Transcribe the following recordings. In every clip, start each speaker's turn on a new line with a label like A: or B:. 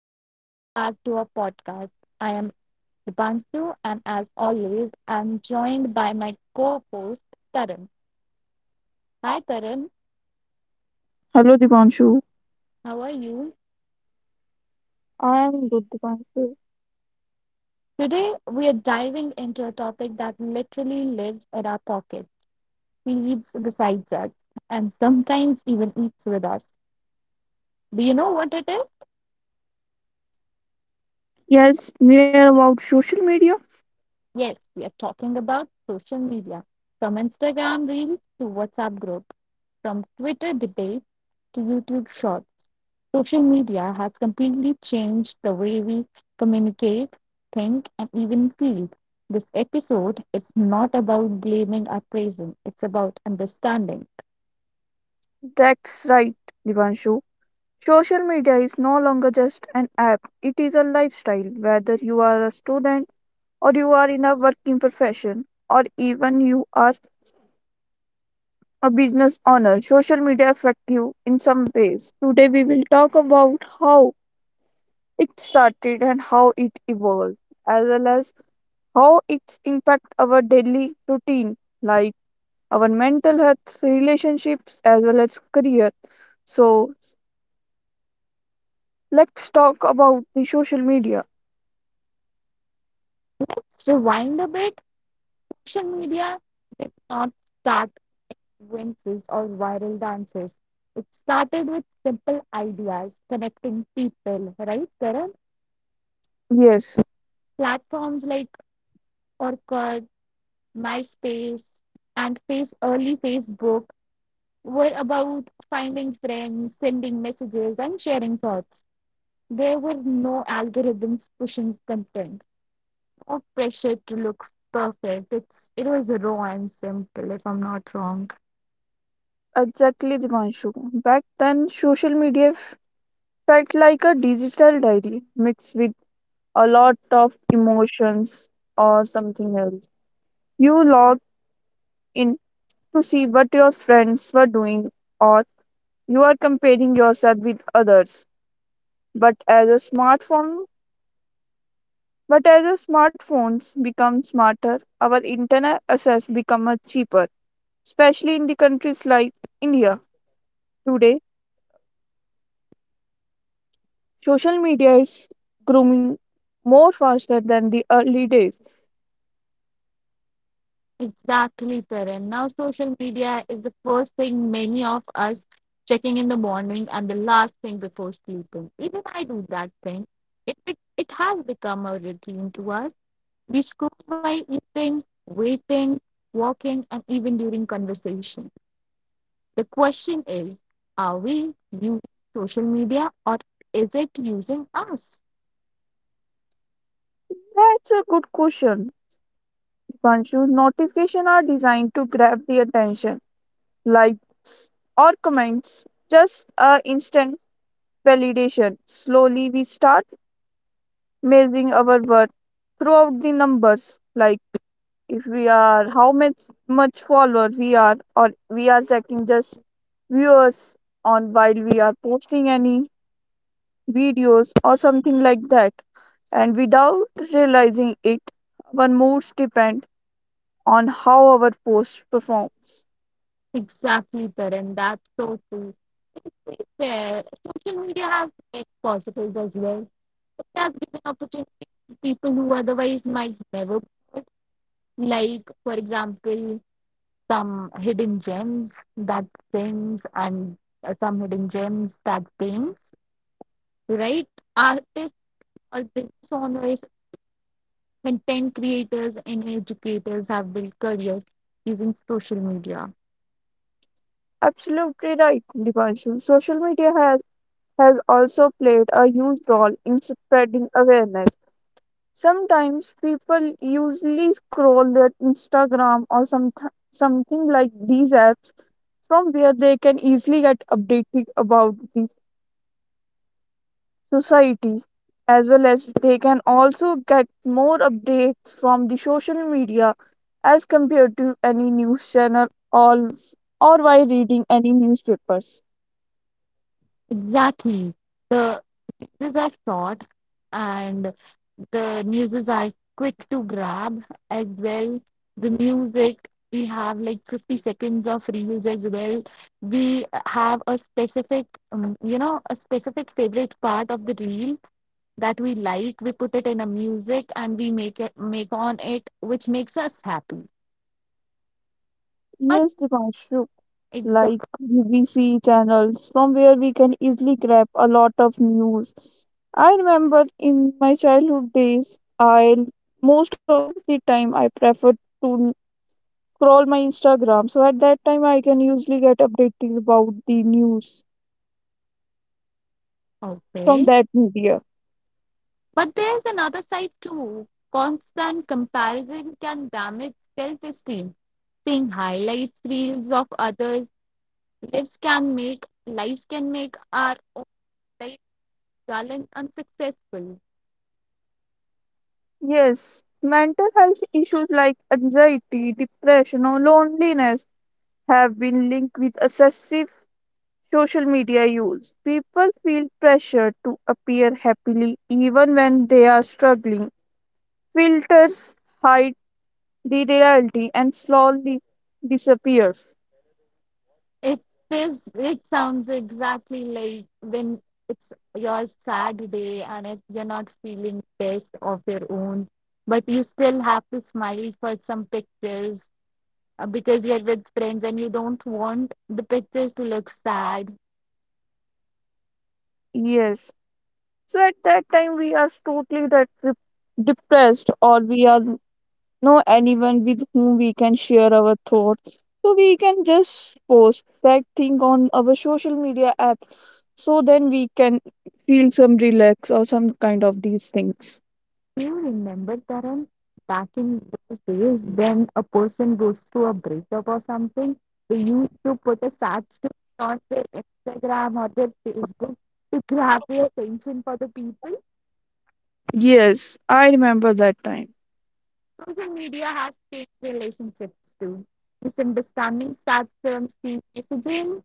A: and welcome back to our podcast. I am Dipanshu, and as always, I'm joined by my co host, Karan. Hi, Karan,
B: Hello, Dipanshu.
A: how are you?
B: I am good, Dipanshu.
A: Today, we are diving into a topic that literally lives in our pockets, sleeps beside us, and sometimes even eats with us. Do you know what it is?
B: Yes, we are about social media.
A: Yes, we are talking about social media, from Instagram Reels to WhatsApp groups, from Twitter debates to YouTube shorts. Social media has completely changed the way we communicate, think, and even feel. This episode is not about blaming or praising, it's about understanding.
B: That's right, Dipanshu. Social media is no longer just an app, it is a lifestyle. Whether you are a student or you are in a working profession or even you are a business owner, social media affect you in some ways. Today we will talk about how it started and how it evolved, as well as how it's impact our daily routine, like our mental health, relationships, as well as career. So let's talk about the social media.
A: Let's rewind a bit. Social media did not start with dances or viral dances. It started with simple ideas, connecting people, right, Karan?
B: Yes,
A: Platforms like Orkut, MySpace, and face early Facebook were about finding friends, sending messages, and sharing thoughts. There were no algorithms pushing content or pressure to look perfect. It was raw and simple, if I'm not wrong.
B: exactly, Divanshu. Back then, social media felt like a digital diary mixed with a lot of emotions or something else. You log in to see what your friends were doing, or you are comparing yourself with others. But as a smartphone But as our smartphones become smarter, our internet access become much cheaper, especially in the countries like India. Today, social media is grooming more faster than the early days.
A: Exactly, Taran. Now social media is the first thing many of us checking in the morning and the last thing before sleeping. Even I do that thing. It has become a routine to us. We scroll while eating, waiting, walking, and even during conversation. The question is, are we using social media, or is it using us?
B: That's a good question, Dipanshu. Notifications are designed to grab the attention, likes or comments, just a instant validation. Slowly, we start measuring our worth throughout the numbers like if we are how much follower we are or we are checking just viewers on while we are posting any videos or something like that, and without realizing it our moods depend on how our post performs.
A: Exactly, Taran. That's so true. To be fair, social media has many positives as well. It has given opportunities to people who otherwise might never be heard. Like, for example, some hidden gems that sings and some hidden gems that paints, right? Artists or business owners, content creators, and educators have built careers using social media.
B: Absolutely right, Divanshu. Social media has also played a huge role in spreading awareness. Sometimes people usually scroll their Instagram or something like these apps from where they can easily get updated about the society, as well as they can also get more updates from the social media as compared to any news channel or by reading any newspapers.
A: Exactly. The uses are short and the newses are quick to grab as well. The music, we have like 50 seconds of reels as well. We have a specific, a specific favorite part of the reel that we like, we put it in a music and we make it make on it, which makes us happy, but
B: Yes, Dipanshu, like
A: exactly.
B: BBC channels from where we can easily grab a lot of news. I remember in my childhood days, I most of the time I preferred to scroll my Instagram. So at that time, I can usually get updated about the news from
A: Okay,
B: that media.
A: but there's another side too. Constant comparison can damage self-esteem. Seeing highlights reels of others' lives can make our own life dull and unsuccessful.
B: Yes, mental health issues like anxiety, depression, or loneliness have been linked with excessive social media use. People feel pressure to appear happily even when they are struggling. Filters hide the reality and slowly disappears.
A: It is. It sounds exactly like when it's your sad day and it, you're not feeling best of your own, but you still have to smile for some pictures, because you're with friends and you don't want the pictures to look sad.
B: Yes. So at that time we are totally that depressed, or we are no anyone with whom we can share our thoughts. So we can just post that thing on our social media app so then we can feel some relax or some kind of these things.
A: Do you remember, Taran, back in those days when a person goes through a breakup or something, they used to put a sad story on their Instagram or their Facebook to grab the attention for the people?
B: Yes, I remember that time.
A: Social media has changed relationships too. Misunderstandings start from seen messaging,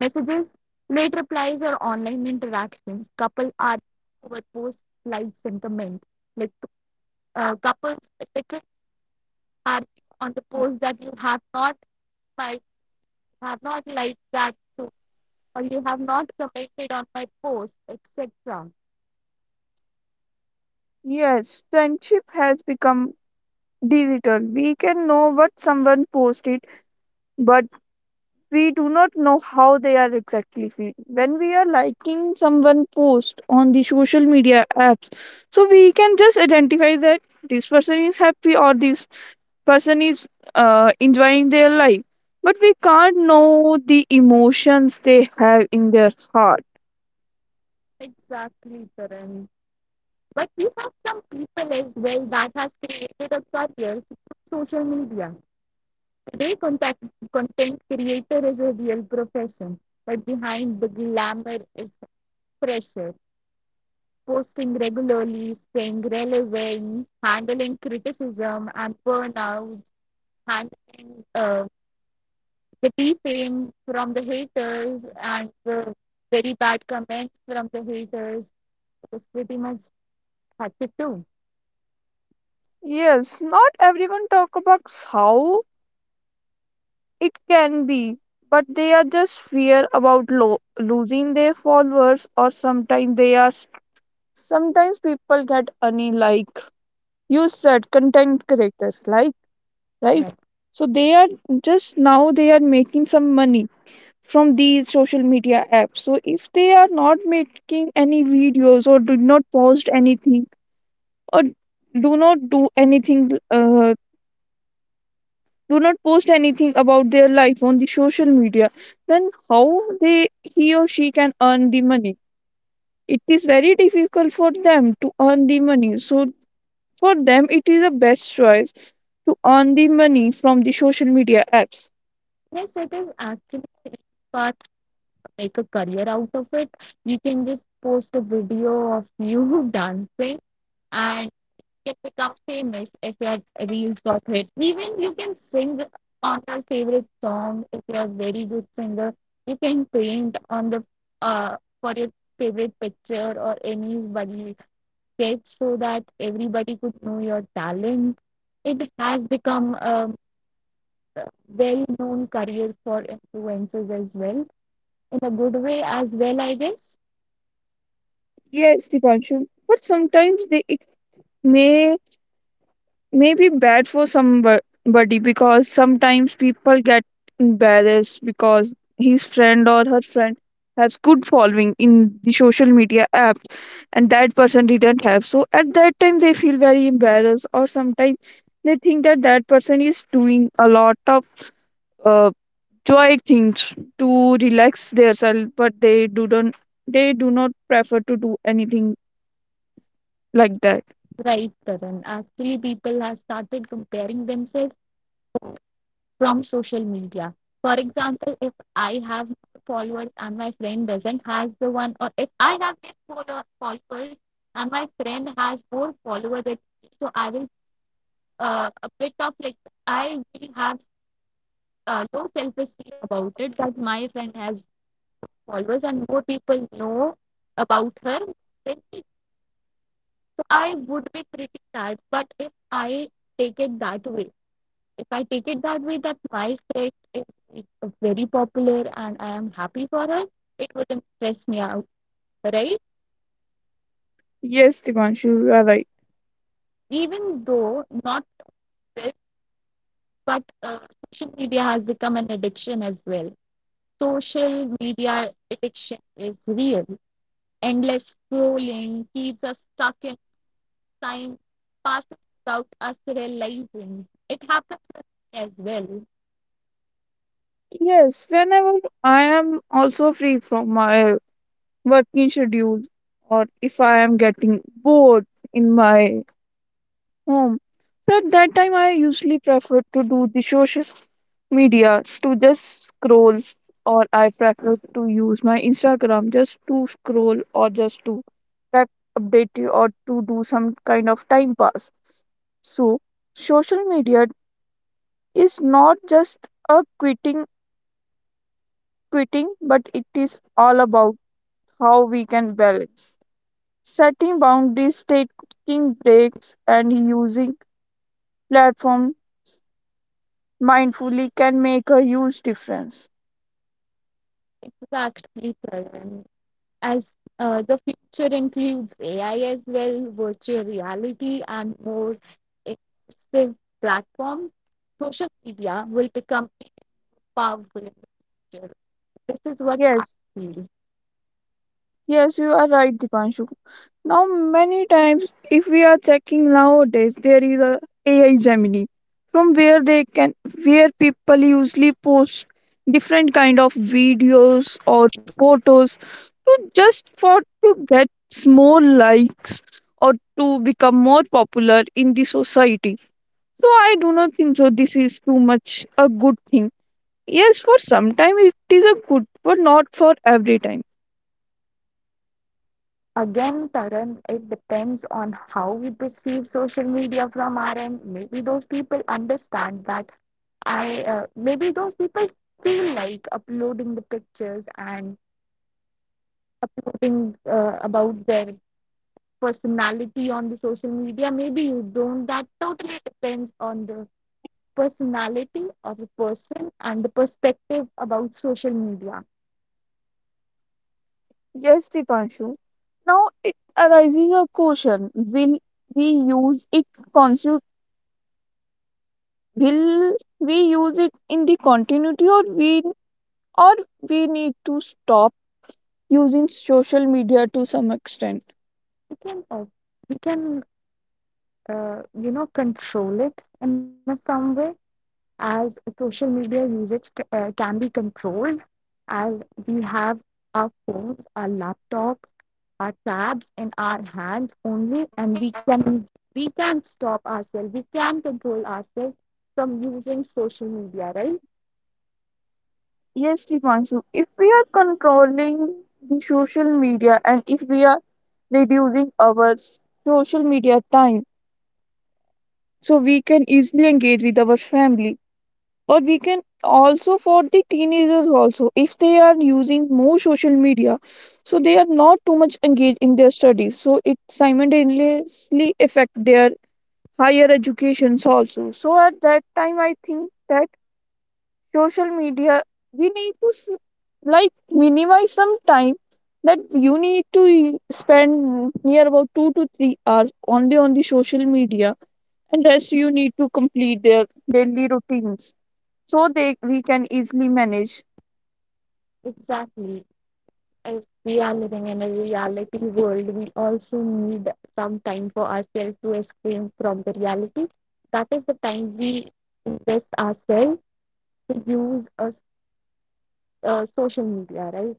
A: messages, late replies, or online interactions. Couple are over post like sentiment. Like couples literally argue on the post that you have not my have not liked that too, or you have not commented on my post, etc.
B: Yes, friendship has become digital. We can know what someone posted, but we do not know how they are exactly feeling. When we are liking someone post on the social media apps, so we can just identify that this person is happy, or this person is enjoying their life. But we can't know the emotions they have in their heart.
A: Exactly, Karan. But we have some people as well that has created a career through social media. Today, content creator is a real profession, but behind the glamour is pressure. Posting regularly, staying relevant, handling criticism and burnouts, handling the defame from the haters and the very bad comments from the haters is pretty much had to do.
B: Yes, not everyone talk about how it can be, but they are just fear about losing their followers, or sometimes they are. Sometimes people get any like you said, content creators, like right.
A: Right.
B: So they are just now they are making some money from these social media apps. So if they are not making any videos or do not post anything or do not do anything, do not post anything about their life on the social media, then how they he or she can earn the money. It is very difficult for them to earn the money, so for them it is the best choice to earn the money from the social media apps.
A: Yes, it is actually a path to make a career out of it. You can just post a video of you dancing and can become famous if your reels got hit. Even you can sing on your favorite song if you're a very good singer. You can paint on the uh for your favorite picture or anybody sketch, so that everybody could know your talent. It has become a well known career for influencers as well. In a good way as well, I guess.
B: Yes, Dipanshu, but sometimes they it may Maybe bad for somebody, because sometimes people get embarrassed because his friend or her friend has good following in the social media app and that person didn't have, so at that time they feel very embarrassed, or sometimes they think that that person is doing a lot of uh, joy things to relax themselves, but they do not prefer to do anything like that.
A: Right, Karan. Actually, people have started comparing themselves from social media. For example, if I have more followers and my friend doesn't has the one, or if I have less followers and my friend has more followers than me, so I will a bit of like, I will have low self esteem about it, that my friend has followers and more people know about her than me. So I would be pretty sad, but if I take it that way if I take it that way, that my faith is, like, very popular and I am happy for her, it wouldn't stress me out, right?
B: Yes, Divanshu, you are right.
A: Even though not this, but social media has become an addiction as well. Social media addiction is real. Endless scrolling keeps us stuck in time, passes without us realizing. It happens with me as well.
B: Yes, whenever I am also free from my working schedule or if I am getting bored in my home, so at that time I usually prefer to do the social media to just scroll, or I prefer to use my Instagram just to scroll or just to get updated or to do some kind of time pass. So social media is not just a quitting, but it is all about how we can balance setting boundaries, taking breaks, and using platform mindfully can make a huge difference.
A: Exactly, Karan. As the future includes AI as well, virtual reality, and more immersive platforms, social media will become powerful in the future. This is what I
B: Yes.
A: feel.
B: Yes, you are right, Dipanshu. Now, many times, if we are checking nowadays, there is a AI Gemini, from where they can, where people usually post different kind of videos or photos to just for to get more likes or to become more popular in the society. So I do not think so. This is too much a good thing. Yes, for some time it is a good, but not for every time.
A: Again, Taran, it depends on how we perceive social media from our end. Maybe those people understand that I maybe those people feel like uploading the pictures and putting about their personality on the social media. Maybe you don't. That totally depends on the personality of the person and the perspective about social media.
B: Yes, Dipanshu. Now it arises a question. Will we use it, consu- will we use it in the continuity, or we need to stop using social media to some extent?
A: We can uh, we can, you know, control it in a some way, as social media usage can be controlled, as we have our phones, our laptops, our tabs in our hands only, and we can stop ourselves, we can control ourselves from using social media, right?
B: Yes, Dipanshu. If we are controlling the social media and if we are reducing our social media time, so we can easily engage with our family, or we can also for the teenagers also if they are using more social media so they are not too much engaged in their studies so it simultaneously affect their higher educations also. So at that time I think that social media we need to like minimize some time, that you need to spend near about 2 to 3 hours only on the social media and rest you need to complete their daily routines so they we can easily manage.
A: Exactly. If we are living in a reality world, we also need some time for ourselves to escape from the reality. That is the time we invest ourselves to use a, social media, right?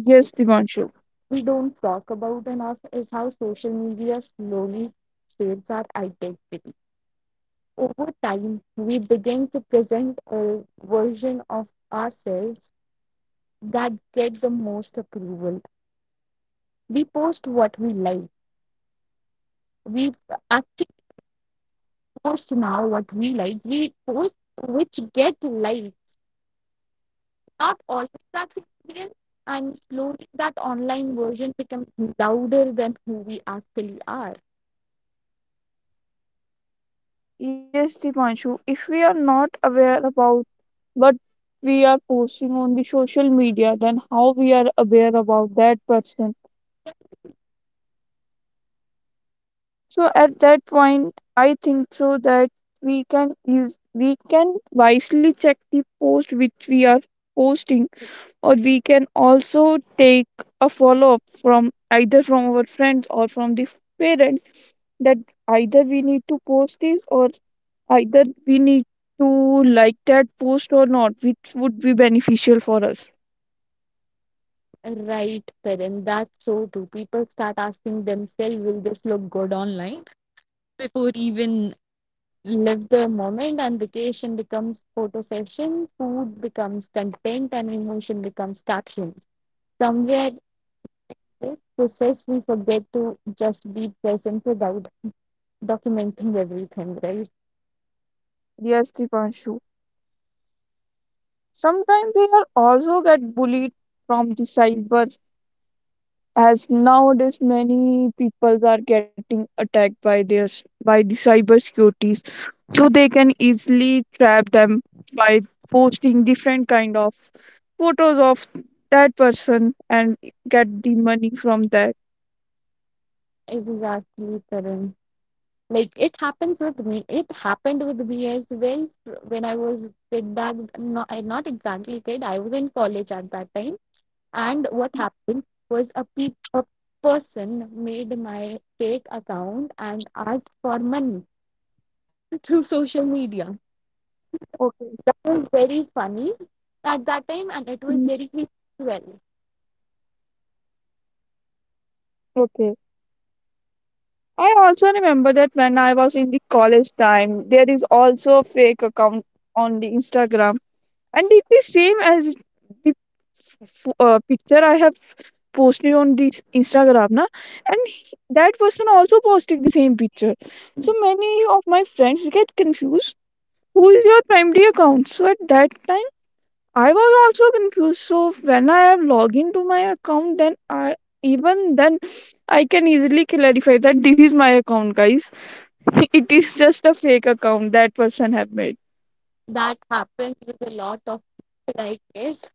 B: Yes, Divanshu.
A: We don't talk about enough is how social media slowly shapes our identity. Over time, we begin to present a version of ourselves that get the most approval. We post what we like. We actually post now what we like. We post which get likes. Not always that we feel, and slowly that online version becomes louder than who we actually are.
B: Yes, Divanshu. If we are not aware about what we are posting on the social media, then how we are aware about that person? So at that point, I think so that we can is we can wisely check the post which we are posting, or we can also take a follow up from either from our friends or from the parents that either we need to post this or either we need to like that post or not, which would be beneficial for us.
A: Right, Perrin. That's so true. People start asking themselves, will this look good online before even live the moment, and vacation becomes photo session, food becomes content and emotion becomes captions. Somewhere in this process we forget to just be present without documenting everything, right?
B: Yes, Dipanshu. Sometimes they are also get bullied from the cybers as nowadays many people are getting attacked by their by the cyber so they can easily trap them by posting different kind of photos of that person and get the money from that.
A: Exactly, Tarun. Like it happens with me. It happened with me as well when I was kid. That not, not exactly kid. I was in college at that time, and what happened was a person made my fake account and asked for money through social media. That was
B: Okay.
A: very funny at that time, and it was very
B: Mm,
A: creepy as well.
B: okay, I also remember that when I was in the college time there is also a fake account on the Instagram and it is same as the I have posted on this Instagram na, and that person also posted the same picture, so many of my friends get confused who is your primary account, so at that time I was also confused, so when I have logged into my account then I, even then I can easily clarify that this is my account guys. It is just a fake account that person have made.
A: That happens with a lot of people, I guess.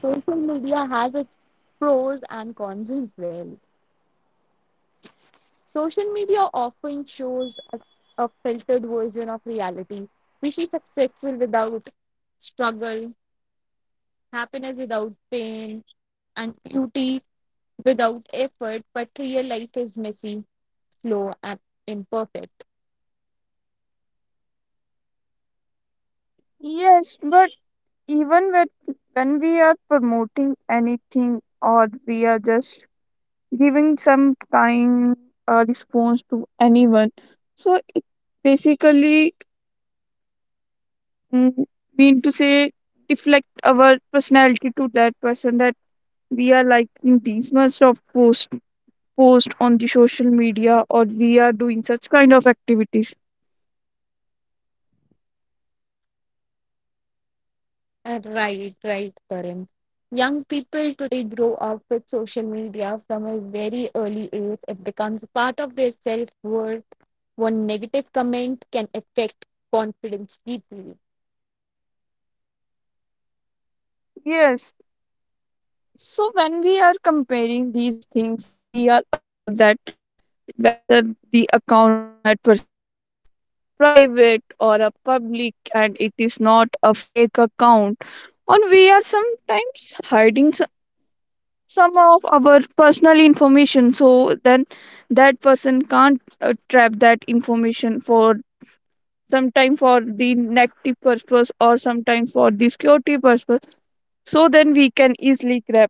A: Social media has its pros and cons as well. Social media often shows a filtered version of reality. We see successful without struggle, happiness without pain, and beauty without effort, but real life is messy, slow, and imperfect.
B: Yes, but even with, when we are promoting anything or we are just giving some kind, response to anyone, so it basically, mm, mean to say deflect our personality to that person that we are liking these much of post on the social media, or we are doing such kind of activities.
A: Right, right, Karan. Young people today grow up with social media from a very early age. It becomes part of their self worth. One negative comment can affect confidence deeply.
B: Yes. So when we are comparing these things, so we are aware that, whether the account of that person is private or a public and it is not a fake account, and we are sometimes hiding some of our personal information so then that person can't trap that information for sometime for the negative purpose or sometime for the security purpose so then we can easily grab.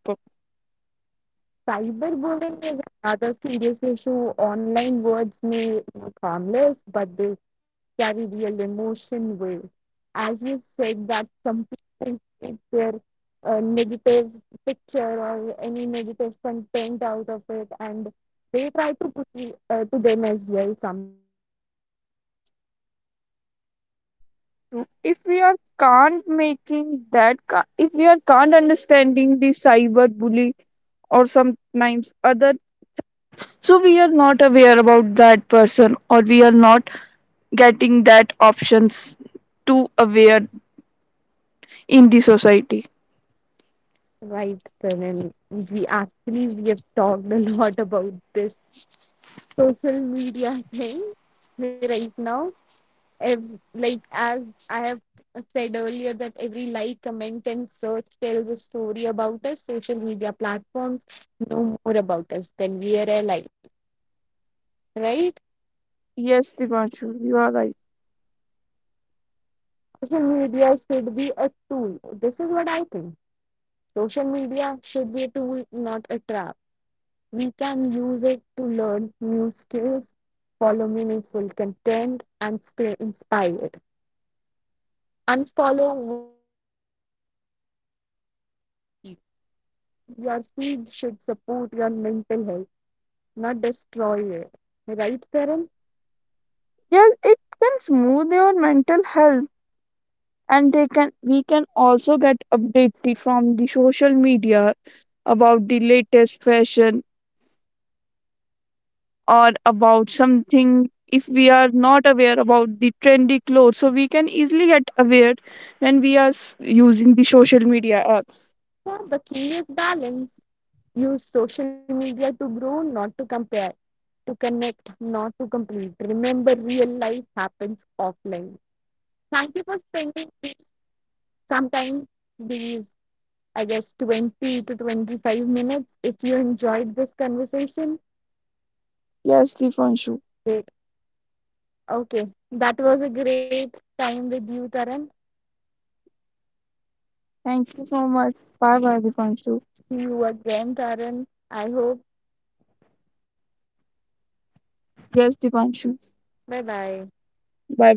A: Cyberbullying is another serious issue. Online words may look harmless, but they carry real emotion weight. As you said, that some people take their negative picture or any negative content out of it, and they try to put it to them as well sometimes, right?
B: If we are can't making that, if we are can't understanding the cyber bully, or sometimes.
A: Right, Pranil. We actually we have talked a lot about this social media thing right now, like as I have said earlier, that every like, comment, and search tells a story about us. Social media platforms know more about us than we are alive, right?
B: Yes, Divanshu, you are right.
A: Social media should be a tool. This is what I think. Social media should be a tool, not a trap. We can use it to learn new skills, follow meaningful content, and stay inspired. Unfollow what drains you, follow what adds value. Your feed should support your mental health, not destroy it. Right, Karan?
B: Yes, it can smooth your mental health, and they can we can also get updated from the social media about the latest fashion or about something if we are not aware about the trendy clothes. So we can easily get aware when we are using the social media apps.
A: Yeah, the key is balance. Use social media to grow, not to compare. To connect, not to complete. Remember, real life happens offline. Thank you for spending these, sometimes these, I guess, 20 to 25 minutes. If you enjoyed this conversation,
B: Yes, Divanshu.
A: great. Okay, that was a great time with you, Karan.
B: Thank you so much. Bye bye, Divanshu.
A: See you again, Karan. I hope.
B: Yes, Divanshu.
A: Bye bye.
B: Bye bye.